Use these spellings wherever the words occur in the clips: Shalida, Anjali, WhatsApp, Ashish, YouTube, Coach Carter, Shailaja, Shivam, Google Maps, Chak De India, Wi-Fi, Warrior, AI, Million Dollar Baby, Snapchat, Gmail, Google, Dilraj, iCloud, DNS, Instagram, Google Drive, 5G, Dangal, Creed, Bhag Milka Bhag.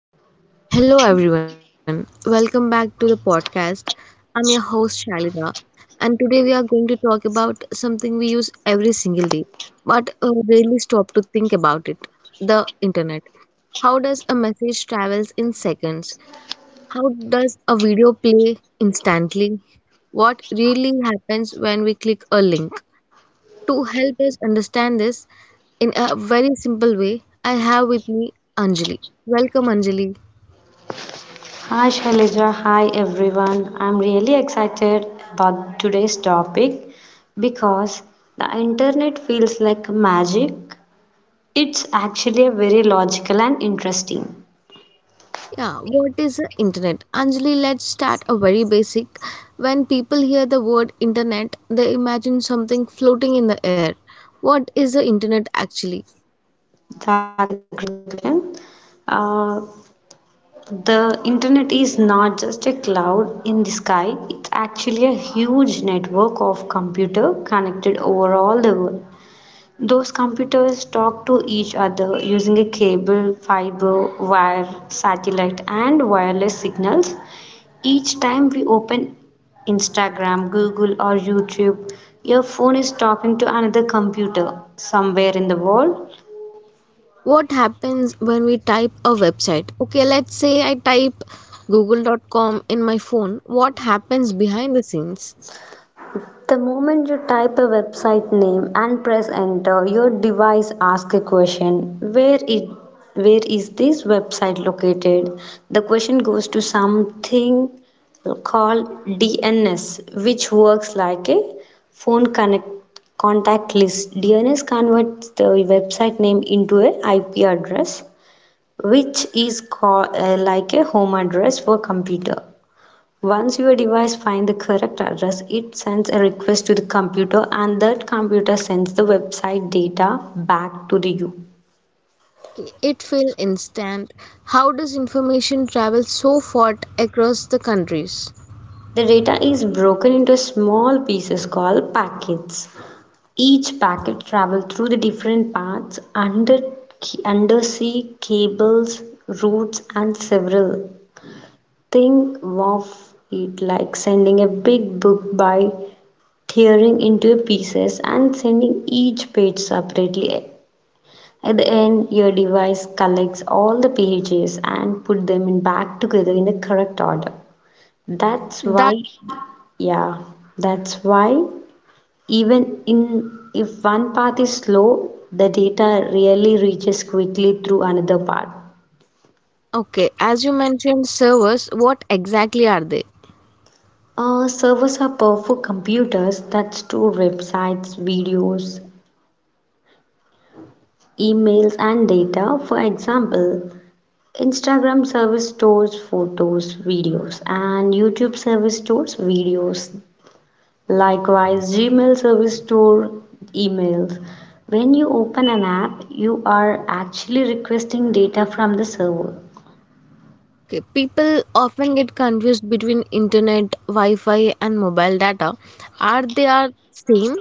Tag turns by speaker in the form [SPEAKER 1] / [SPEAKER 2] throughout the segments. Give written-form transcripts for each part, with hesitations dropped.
[SPEAKER 1] Hello, everyone. Welcome back to the podcast. I'm your host, Shalida, and today we are going to talk about something we use every single day but rarely stop to think about it, the internet. How does a message travels in seconds? How does a video play instantly? What really happens when we click a link? To help us understand this in a very simple way, I have with me Anjali. Welcome, Anjali.
[SPEAKER 2] Hi Shailaja, hi everyone. I'm really excited about today's topic because the internet feels like magic. It's actually a very logical and interesting.
[SPEAKER 1] Yeah, what is the internet? Anjali, let's start a very basic. When people hear the word internet, they imagine something floating in the air. What is the internet actually?
[SPEAKER 2] That's a great question. Uh, the internet is not just a cloud in the sky, it's actually a huge network of computer connected over all the world. Those computers talk to each other using a cable, fiber, wire, satellite, and wireless signals. Each time we open Instagram, Google, or YouTube, your phone is talking to another computer somewhere in the world.
[SPEAKER 1] What happens when we type a website? Okay, let's say I type google. Dot Com in my phone. What happens behind the scenes?
[SPEAKER 2] The moment you type a website name and press enter, your device asks a question, where is this website located? The question goes to something called DNS, which works like a phone connect contact list. DNS converts the website name into a IP address, which is called like a home address for computer. Once your device finds the correct address, it sends a request to the computer and that computer sends the website data back to the you.
[SPEAKER 1] Okay, it feels instant. How does information travel so far across the countries?
[SPEAKER 2] The data is broken into small pieces called packets. Each packet travels through the different paths under undersea cables, routes and several. Think of it like sending a big book by tearing into pieces and sending each page separately. At the end, your device collects all the pages and put them in back together in the correct order. That's
[SPEAKER 1] That
[SPEAKER 2] why, yeah, that's why even in if one path is slow, the data really reaches quickly through another path.
[SPEAKER 1] okay, as you mentioned servers, what exactly are they?
[SPEAKER 2] Servers are powerful computers that store websites, videos, emails, and data. For example, Instagram service stores photos, videos, and YouTube service stores videos. Likewise, Gmail service store emails. When you open an app, you are actually requesting data from the server.
[SPEAKER 1] Okay, people often get confused between internet, Wi-Fi, and mobile data. Are they are same?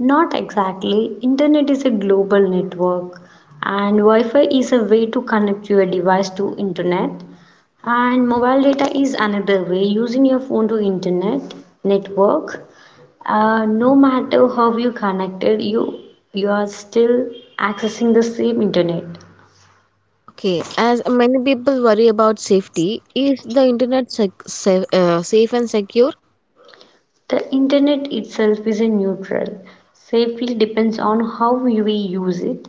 [SPEAKER 2] Not exactly. Internet is a global network and Wi-Fi is a way to connect your device to internet. And mobile data is another way using your phone to internet network. No matter how you connected, you are still accessing the same internet.
[SPEAKER 1] Okay, as many people worry about safety, is the internet safe, safe and secure?
[SPEAKER 2] The Internet itself is a neutral; safety depends on how we use it.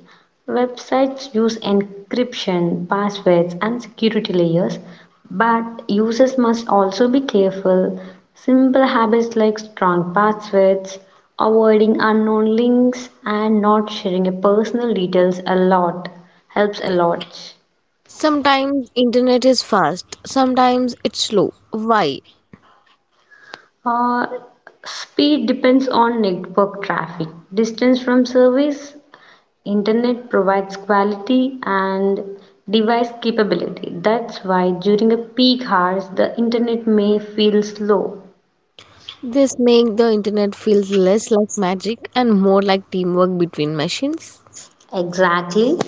[SPEAKER 2] Websites use encryption, passwords, and security layers, but users must also be careful. Simple habits like strong passwords, avoiding unknown links, and not sharing your personal details a lot helps a lot.
[SPEAKER 1] Sometimes internet is fast, sometimes it's slow. Why?
[SPEAKER 2] Uh, Speed depends on network traffic, distance from service, Internet provides quality and device capability. That's why during a peak hours the internet may feel slow.
[SPEAKER 1] This makes the internet feels less like magic and more like teamwork between machines.
[SPEAKER 2] Exactly.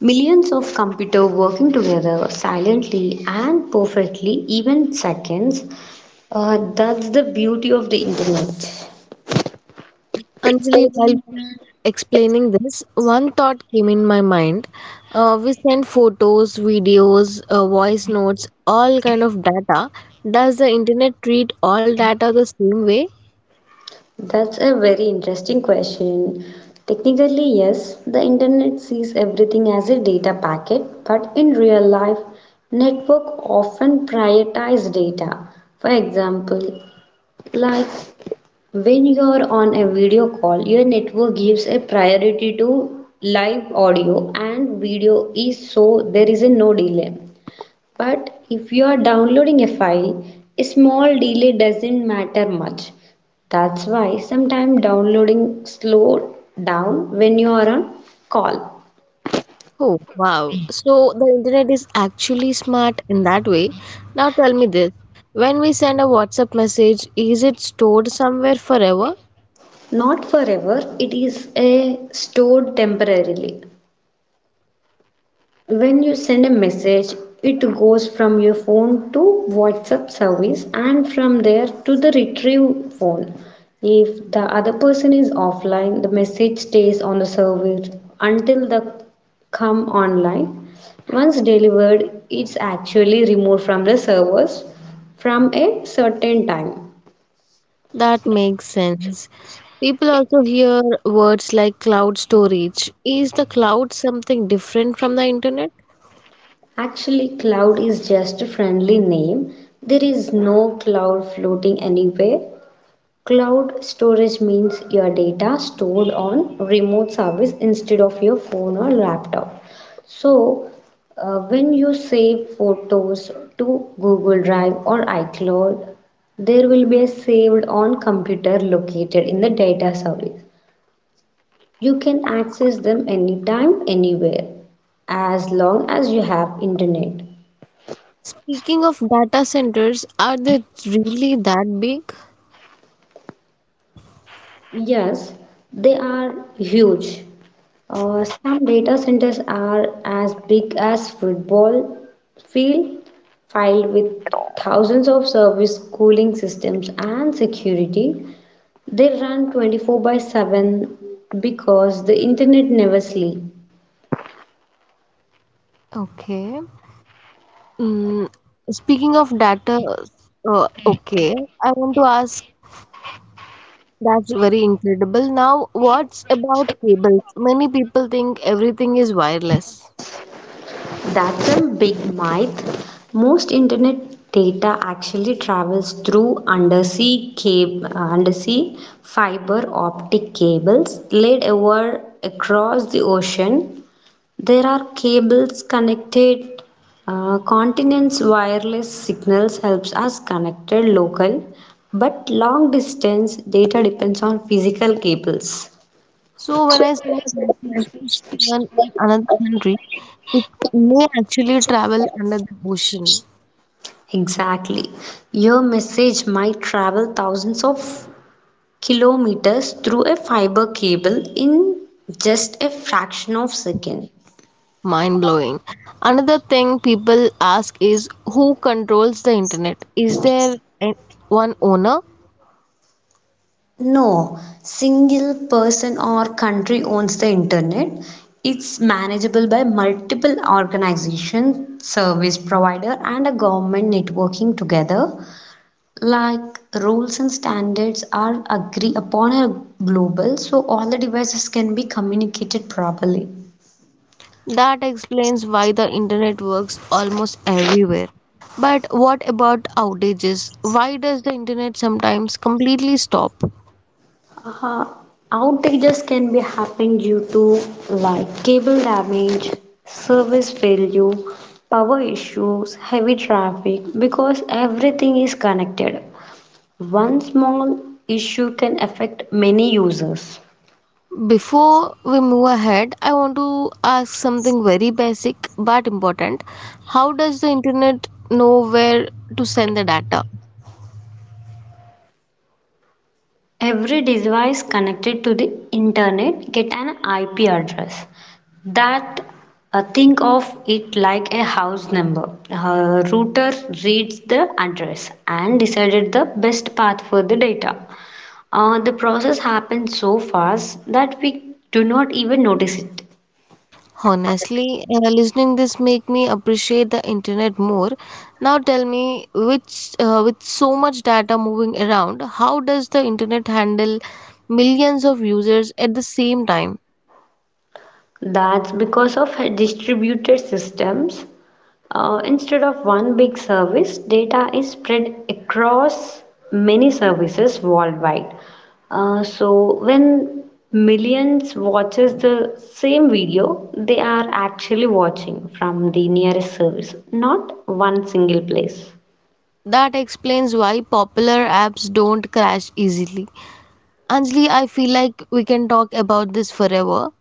[SPEAKER 2] Millions of computers working together silently and perfectly, even seconds. That's the beauty of the internet.
[SPEAKER 1] Anjali, while
[SPEAKER 2] Scheduling.
[SPEAKER 1] we explaining this, one thought came in my mind. We send photos, videos, voice notes, all kind of data. Does the internet treat all data the same way?
[SPEAKER 2] That's a very interesting question. Technically, yes, the internet sees everything as a data packet, but in real life, network often prioritize data. For example, like when you are on a video call, your network gives a priority to live audio and video is so there is a no delay. But if you are downloading a file, a small delay doesn't matter much. That's why sometimes downloading slow down when you are on call.
[SPEAKER 1] Oh, wow. So the internet is actually smart in that way. Now tell me this. When we send a WhatsApp message, is it stored somewhere forever?
[SPEAKER 2] Not forever, it is a stored temporarily. When you send a message, it goes from your phone to WhatsApp service and from there to the retrieve phone. If the other person is offline, the message stays on the service until they come online. Once delivered, it's actually removed from the servers from a certain time.
[SPEAKER 1] That makes sense. People also hear words like cloud storage. Is the cloud something different from the internet?
[SPEAKER 2] Actually, cloud is just a friendly name. There is no cloud floating anywhere. Cloud storage means your data stored on remote service instead of your phone or laptop. So, when you save photos to Google Drive or iCloud, there will be a saved on computer located in the data service. You can access them anytime, anywhere, as long as you have internet.
[SPEAKER 1] Speaking of data centers, are they really that big?
[SPEAKER 2] Yes, they are huge. Some data centers are as big as football field, filled with thousands of service cooling systems and security. They run 24 by 7 because the internet never sleeps.
[SPEAKER 1] Okay. Mm, speaking of data, okay, I want to ask that's very incredible. Now, what's about cables? Many people think everything is wireless.
[SPEAKER 2] That's a big myth. Most internet data actually travels through undersea fiber optic cables laid over across the ocean. There are cables connected, continents wireless signals helps us connected local but long distance data depends on physical cables.
[SPEAKER 1] So, when I send a message to someone in another country, it may actually travel under the ocean.
[SPEAKER 2] Exactly. Your message might travel thousands of kilometers through a fiber cable in just a fraction of a second.
[SPEAKER 1] Mind blowing. Another thing people ask is who controls the internet? Is there an- one owner?
[SPEAKER 2] No, single person or country owns the internet. It's manageable by multiple organizations, service provider, and a government networking together. Like rules and standards are agreed upon a global, so all the devices can be communicated properly.
[SPEAKER 1] That explains why the internet works almost everywhere. But what about outages? Why does the internet sometimes completely stop?
[SPEAKER 2] Uh, Outages can be happening due to like cable damage, service failure, power issues, heavy traffic because everything is connected. One small issue can affect many users.
[SPEAKER 1] Before we move ahead, I want to ask something very basic but important. How does the internet know where to send the data?
[SPEAKER 2] Every device connected to the internet get an IP address. That Think of it like a house number. Router reads the address and decided the best path for the data. The process happens so fast that we do not even notice it.
[SPEAKER 1] Honestly, listening this make me appreciate the internet more. Now tell me, which with so much data moving around, how does the internet handle millions of users at the same time?
[SPEAKER 2] That's because of distributed systems. Instead of one big service, data is spread across many services worldwide. So when millions watches the same video, they are actually watching from the nearest service, not one single place.
[SPEAKER 1] That explains why popular apps don't crash easily. Anjali, I feel like we can talk about this forever.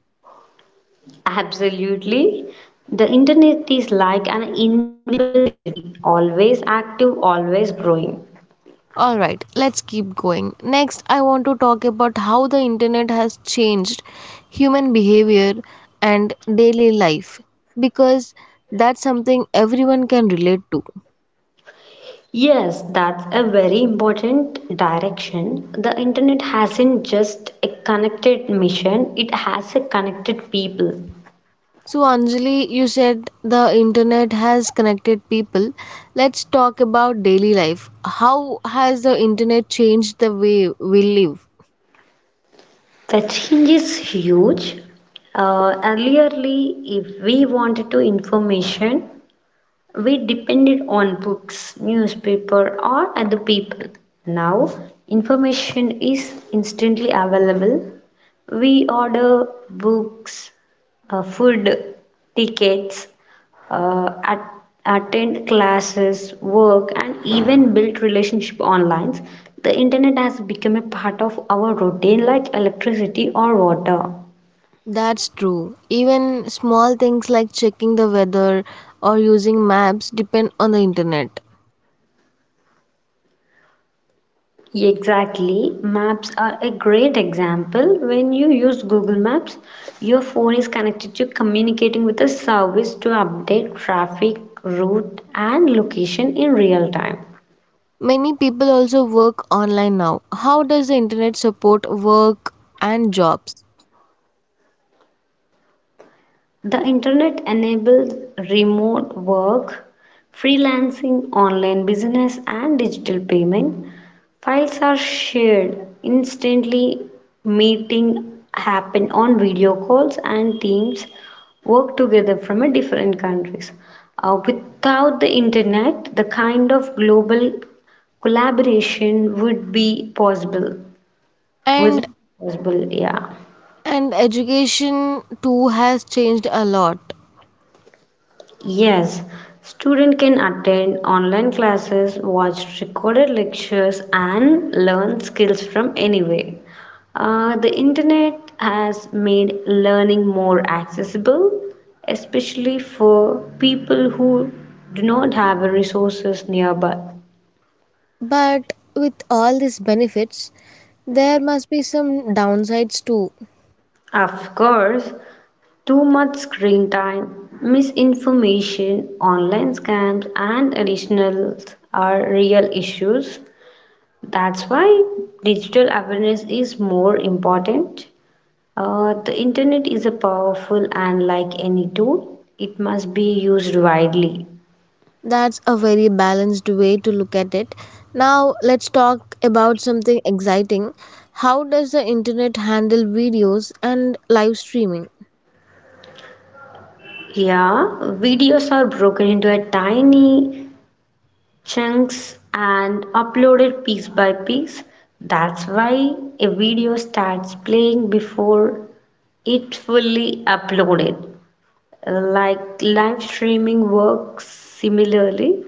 [SPEAKER 2] Absolutely. The internet is like an invisible city, always active, always growing.
[SPEAKER 1] All right, let's keep going. Next, I want to talk about how the internet has changed human behavior and daily life because that's something everyone can relate to.
[SPEAKER 2] Yes, that's a very important direction. The internet hasn't just a connected mission, it has a connected people.
[SPEAKER 1] So, Anjali, you said the internet has connected people. Let's talk about daily life. How has the internet changed the way we live?
[SPEAKER 2] The change is huge. Earlierly, if we wanted to information, we depended on books, newspaper, or other people. Now, information is instantly available. We order books, food, tickets, uh, at, attend classes, work, and even build relationships online. The internet has become a part of our routine, like electricity or water.
[SPEAKER 1] That's true. Even small things like checking the weather or using maps depend on the internet.
[SPEAKER 2] Exactly. Maps are a great example. When you use Google Maps, your phone is connected to communicating with a service to update traffic, route, and location in real time.
[SPEAKER 1] Many people also work online now. How does the internet support work and jobs?
[SPEAKER 2] The internet enables remote work, freelancing, online business, and digital payment. Files are shared instantly, meeting happen on video calls, and teams work together from a different countries. Without the internet, the kind of global collaboration would be possible.
[SPEAKER 1] And
[SPEAKER 2] Wasn't possible, yeah.
[SPEAKER 1] and education too has changed a lot.
[SPEAKER 2] Yes, student can attend online classes, watch recorded lectures and learn skills from anywhere. The internet has made learning more accessible, especially for people who do not have resources nearby.
[SPEAKER 1] But with all these benefits, there must be some downsides too.
[SPEAKER 2] Of course, too much screen time, misinformation, online scams, and additionals are real issues. That's why digital awareness is more important. The internet is a powerful and like any tool, it must be used widely.
[SPEAKER 1] That's a very balanced way to look at it. Now, let's talk about something exciting. How does the internet handle videos and live streaming?
[SPEAKER 2] Yeah, videos are broken into a tiny chunks and uploaded piece by piece. That's why a video starts playing before it fully uploaded. Like live streaming works similarly,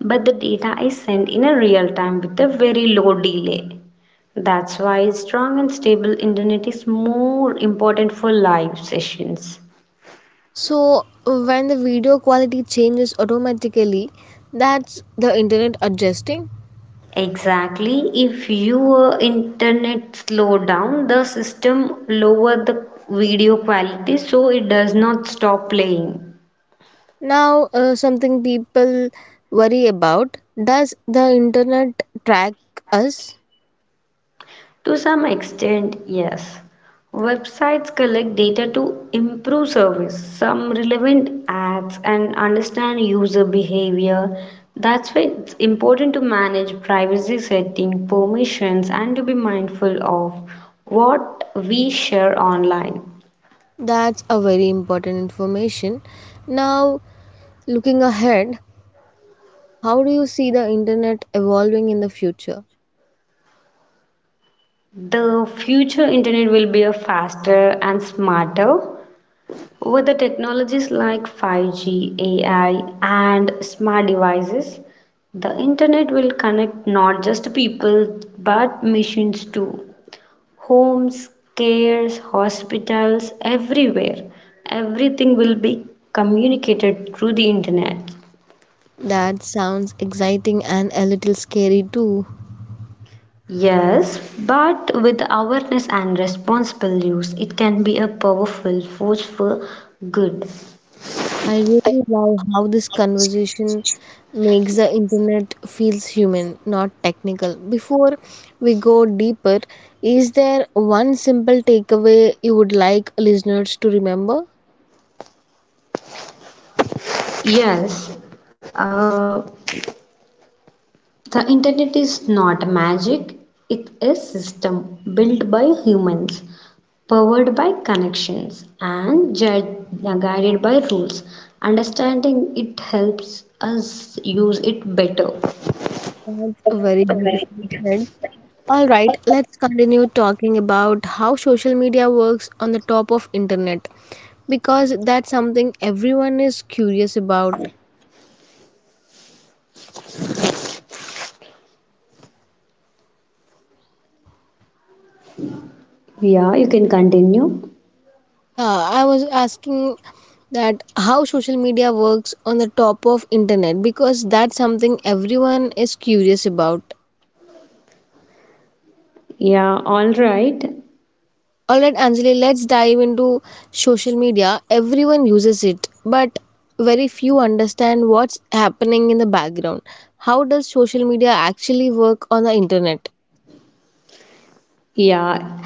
[SPEAKER 2] but the data is sent in a real time with a very low delay. That's why strong and stable internet is more important for live sessions.
[SPEAKER 1] So when the video quality changes automatically, that's the internet adjusting.
[SPEAKER 2] Exactly. If your internet slow down, the system lower the video quality so it does not stop playing.
[SPEAKER 1] Now, something people worry about, does the internet track us?
[SPEAKER 2] To some extent, yes. Websites collect data to improve service, some relevant ads, and understand user behavior. That's why it's important to manage privacy setting, permissions, and to be mindful of what we share online.
[SPEAKER 1] That's a very important information. Now, looking ahead, how do you see the internet evolving in the future?
[SPEAKER 2] The future internet will be a faster and smarter. With the technologies like 5G, AI, and smart devices, the internet will connect not just people but machines too. Homes, cares, hospitals, everywhere. Everything will be communicated through the internet.
[SPEAKER 1] That sounds exciting and a little scary too.
[SPEAKER 2] Yes, but with awareness and responsible use, it can be a powerful force for good.
[SPEAKER 1] I really love how this conversation makes the internet feels human, not technical. Before we go deeper, is there one simple takeaway you would like listeners to remember?
[SPEAKER 2] Yes, uh, the Internet is not magic, it's a system built by humans, powered by connections, and guided by rules. Understanding it helps us use it better.
[SPEAKER 1] That's a very beautifully said. All right, let's continue talking about how social media works on the top of internet because that's something everyone is curious about.
[SPEAKER 2] Yeah, you can continue.
[SPEAKER 1] I was asking that how social media works on the top of internet because that's something everyone is curious about.
[SPEAKER 2] Yeah, all right.
[SPEAKER 1] All right, Anjali, let's dive into social media. Everyone uses it, but very few understand what's happening in the background. How does social media actually work on the internet?
[SPEAKER 2] Yeah,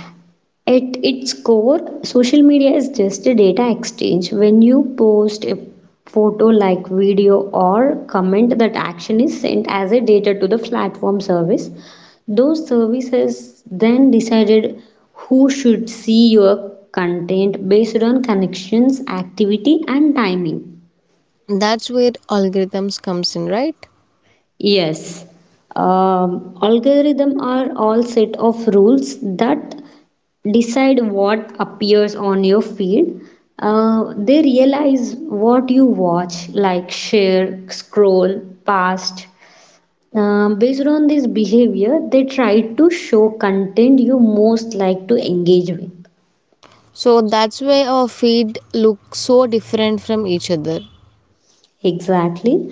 [SPEAKER 2] at its core, social media is just a data exchange. When you post a photo, like video, or comment, that action is sent as a data to the platform service. Those services then decided who should see your content based on connections, activity, and timing.
[SPEAKER 1] That's where algorithms comes in, right?
[SPEAKER 2] Yes, algorithm are all set of rules that decide what appears on your feed. They realize what you watch, like share, scroll, past. Based on this behavior, they try to show content you most like to engage with.
[SPEAKER 1] So that's why our feed looks so different from each other.
[SPEAKER 2] Exactly.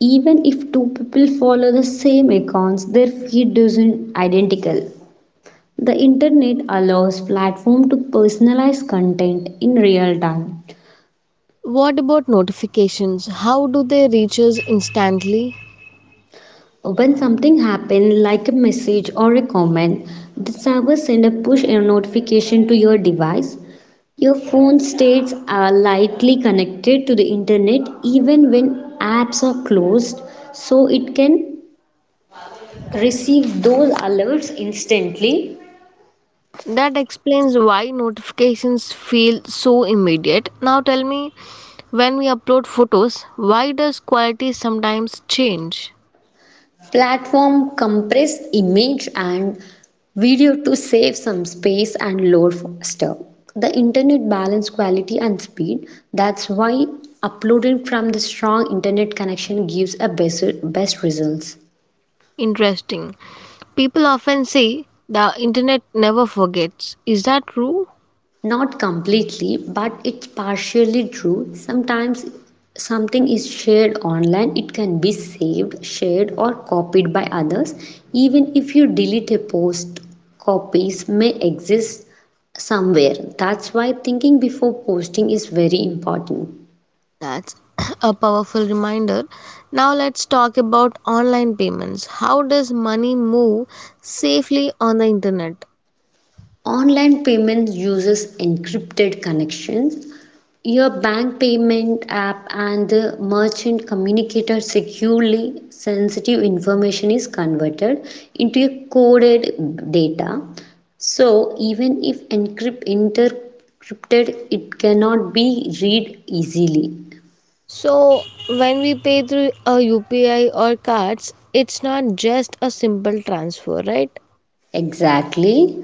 [SPEAKER 2] Even if two people follow the same accounts, their feed isn't identical. The internet allows platform to personalize content in real time.
[SPEAKER 1] What about notifications? How do they reach us instantly?
[SPEAKER 2] When something happens, like a message or a comment, the server sends a push notification to your device. Your phone states are lightly connected to the internet even when apps are closed, so it can receive those alerts instantly.
[SPEAKER 1] That explains why notifications feel so immediate. Now tell me, when we upload photos, why does quality sometimes change?
[SPEAKER 2] Platform compress image and video to save some space and load faster. The internet balance quality and speed. That's why uploading from the strong internet connection gives a best results.
[SPEAKER 1] Interesting. People often say the internet never forgets. Is that true?
[SPEAKER 2] Not completely, but it's partially true. Sometimes something is shared online, it can be saved, shared, or copied by others. Even if you delete a post, copies may exist somewhere. That's why thinking before posting is very important.
[SPEAKER 1] That's a powerful reminder. Now let's talk about online payments. How does money move safely on the internet?
[SPEAKER 2] Online payment uses encrypted connections. Your bank payment app and the merchant communicator securely sensitive information is converted into a coded data. So even if encrypt intercrypted, it cannot be read easily.
[SPEAKER 1] So when we pay through a UPI or cards, it's not just a simple transfer, right?
[SPEAKER 2] Exactly.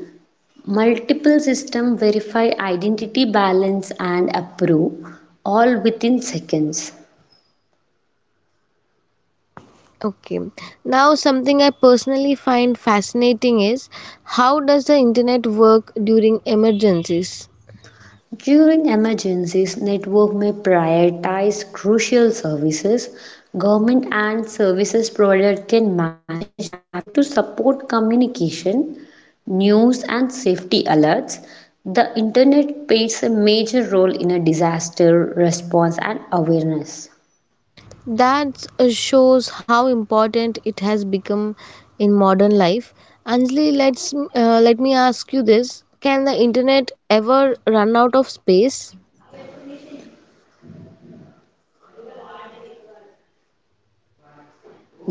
[SPEAKER 2] Multiple system verify identity balance and approve all within seconds.
[SPEAKER 1] Okay. Now something I personally find fascinating is how does the internet work during emergencies?
[SPEAKER 2] During emergencies, network may prioritize crucial services. Government and services provider can manage traffic to support communication, news and safety alerts. The internet plays a major role in a disaster response and awareness.
[SPEAKER 1] That shows how important it has become in modern life. Anjali, let me ask you this. Can the internet ever run out of space?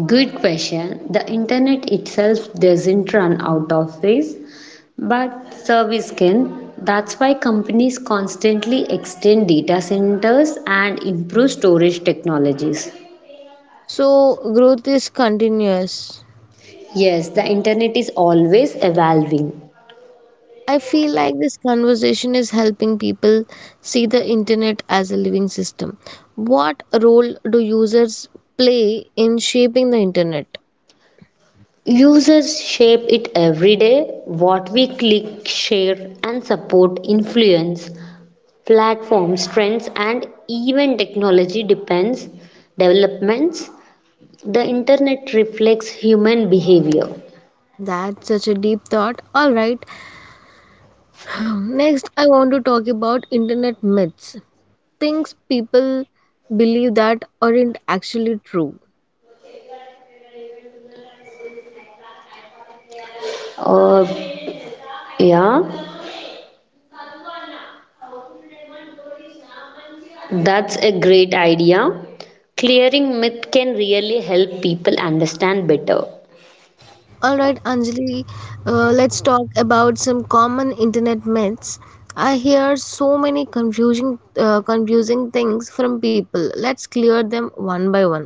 [SPEAKER 2] Good question. The internet itself doesn't run out of ways, but service can. That's why companies constantly extend data centers and improve storage technologies.
[SPEAKER 1] So growth is continuous.
[SPEAKER 2] Yes, the internet is always evolving.
[SPEAKER 1] I feel like this conversation is helping people see the internet as a living system. What role do users play in shaping the internet?
[SPEAKER 2] Users shape it every day. What we click, share, and support influence platforms, trends, and even technology depends developments the internet reflects human behavior.
[SPEAKER 1] That's such a deep thought. All right. Next, I want to talk about internet myths. Things people believe that aren't actually true.
[SPEAKER 2] uh, yeah, that's a great idea. Clearing myth can really help people understand better.
[SPEAKER 1] All right, Anjali, let's talk about some common internet myths. I hear so many confusing things from people. Let's clear them one by one.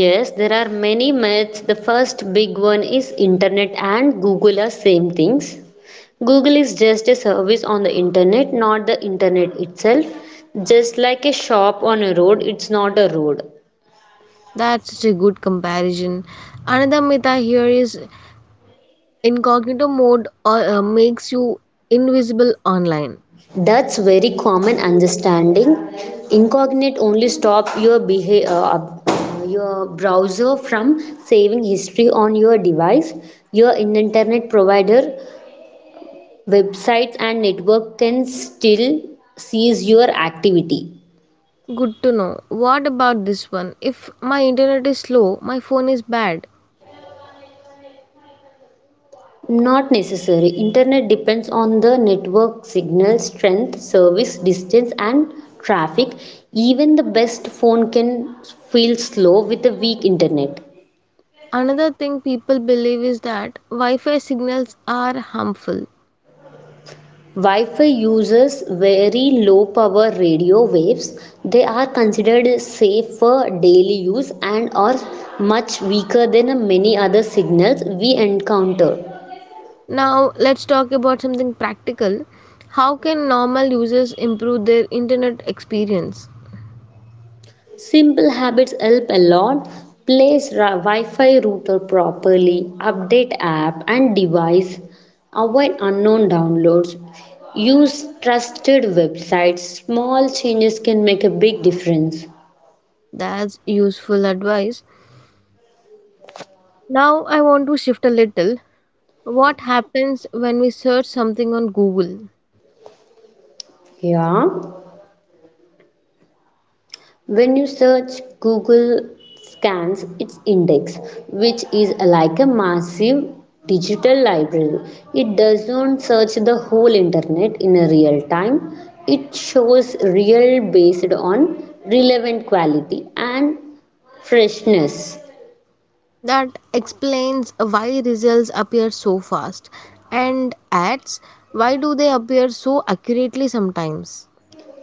[SPEAKER 2] Yes, there are many myths. The first big one is internet and Google are same things. Google is just a service on the internet, not the internet itself, just like a shop on a road, it's not a road.
[SPEAKER 1] That's such a good comparison. Another myth I hear is incognito mode makes you invisible online.
[SPEAKER 2] That's very common understanding. Incognito only stop your your browser from saving history on your device. Your internet provider, websites and network can still sees your activity.
[SPEAKER 1] Good to know. What about this one? If my internet is slow, my phone is bad.
[SPEAKER 2] Not necessary. Internet depends on the network signal strength, service distance and traffic. Even the best phone can feel slow with a weak internet.
[SPEAKER 1] Another thing people believe is that Wi Fi signals are harmful.
[SPEAKER 2] Wi-Fi uses very low power radio waves. They are considered safe for daily use and are much weaker than many other signals we encounter.
[SPEAKER 1] Now, let's talk about something practical. How can normal users improve their internet experience?
[SPEAKER 2] Simple habits help a lot. Place Wi-Fi router properly, update app and device, avoid unknown downloads, use trusted websites. Small changes can make a big difference.
[SPEAKER 1] That's useful advice. Now, I want to shift a little. What happens when we search something on Google?
[SPEAKER 2] Yeah. When you search Google scans its index, which is like a massive digital library. It doesn't search the whole internet in a real time. It shows real based on relevant quality and freshness.
[SPEAKER 1] That explains why results appear so fast. And ads, why do they appear so accurately sometimes?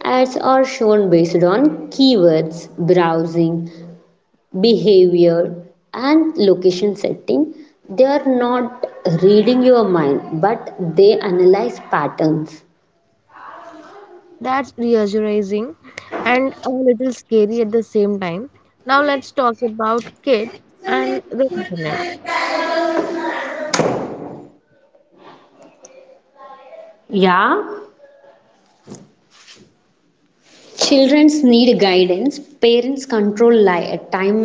[SPEAKER 2] Ads are shown based on keywords, browsing, behavior and location setting. They are not reading your mind, but they analyze patterns.
[SPEAKER 1] That's reassuring and a little scary at the same time. Now let's talk about kids and the internet.
[SPEAKER 2] Yeah, childrens need guidance. Parents control time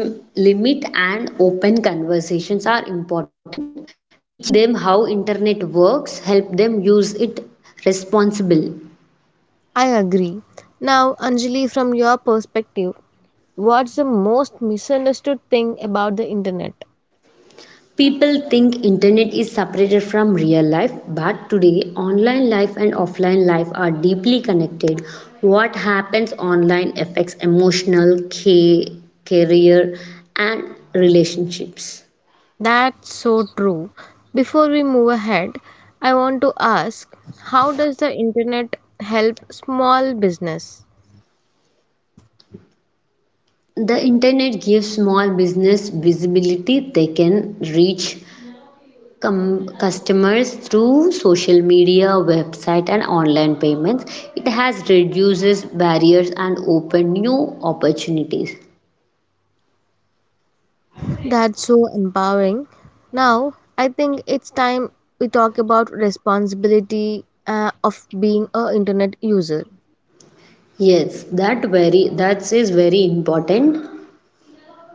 [SPEAKER 2] limit and open conversations are important. Teaching them how internet works help them use it responsible.
[SPEAKER 1] I agree. Now, Anjali, from your perspective, what's the most misunderstood thing about the internet?
[SPEAKER 2] People think internet is separated from real life, but today online life and offline life are deeply connected. What happens online affects emotional care, career and relationships.
[SPEAKER 1] That's so true. Before we move ahead, I want to ask how does the internet help small business?
[SPEAKER 2] The internet gives small business visibility. They can reach customers through social media, website and online payments. It has reduces barriers and open new opportunities.
[SPEAKER 1] That's so empowering. Now, I think it's time we talk about responsibility of being a internet user.
[SPEAKER 2] Yes, that is very important.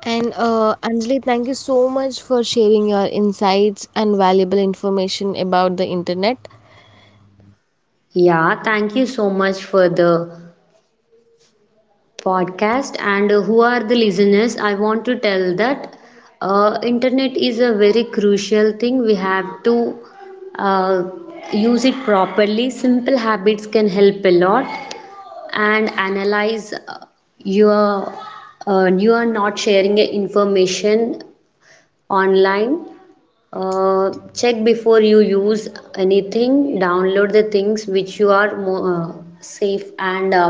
[SPEAKER 1] And Anjali, thank you so much for sharing your insights and valuable information about the internet.
[SPEAKER 2] Yeah, thank you so much for the podcast. And who are the listeners? I want to tell that internet is a very crucial thing. We have to uh, use it properly. Simple habits can help a lot. And analyze your you are not sharing a information online. Check before you use anything, download the things which you are more safe and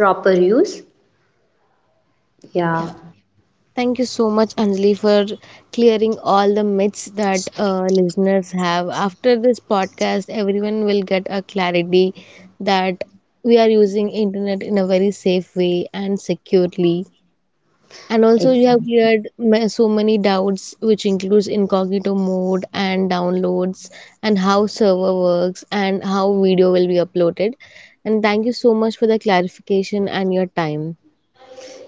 [SPEAKER 2] proper use. Yeah,
[SPEAKER 1] Yeah, thank you so much, Anjali, for clearing all the myths that listeners have. After this podcast, everyone will get a clarity that we are using internet in a very safe way and securely. And also, you have
[SPEAKER 2] exactly.
[SPEAKER 1] cleared so many doubts, which includes incognito mode and downloads, and how server works, and how video will be uploaded. And thank you so much for the clarification and your time.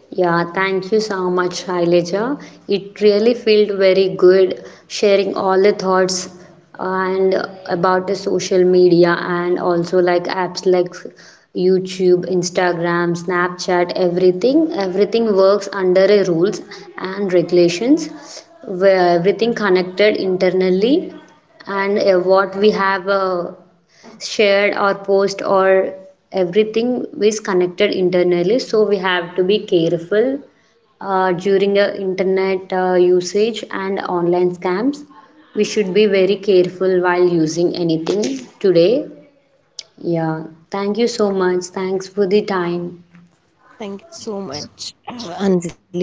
[SPEAKER 2] Yeah, thank you so much, Shailaja. It really felt very good sharing all the thoughts and about the social media and also like apps like YouTube, Instagram, Snapchat, everything. Everything works under a rules and regulations where everything connected internally and what we have shared or post or everything is connected internally, so we have to be careful during internet usage and online scams. We should be very careful while using anything today. Yeah, thank you so much, thanks for the time.
[SPEAKER 1] Thank you so much, Anjali.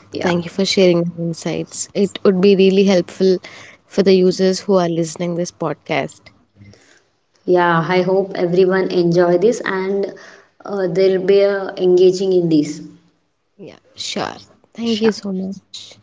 [SPEAKER 1] Thank you
[SPEAKER 2] Yeah.
[SPEAKER 1] for sharing your insights. It would be really helpful for the users who are listening this podcast.
[SPEAKER 2] Yeah, I hope everyone enjoy this and they'll be engaging in this.
[SPEAKER 1] Yeah, sure. Thank you
[SPEAKER 2] Sure.
[SPEAKER 1] so much.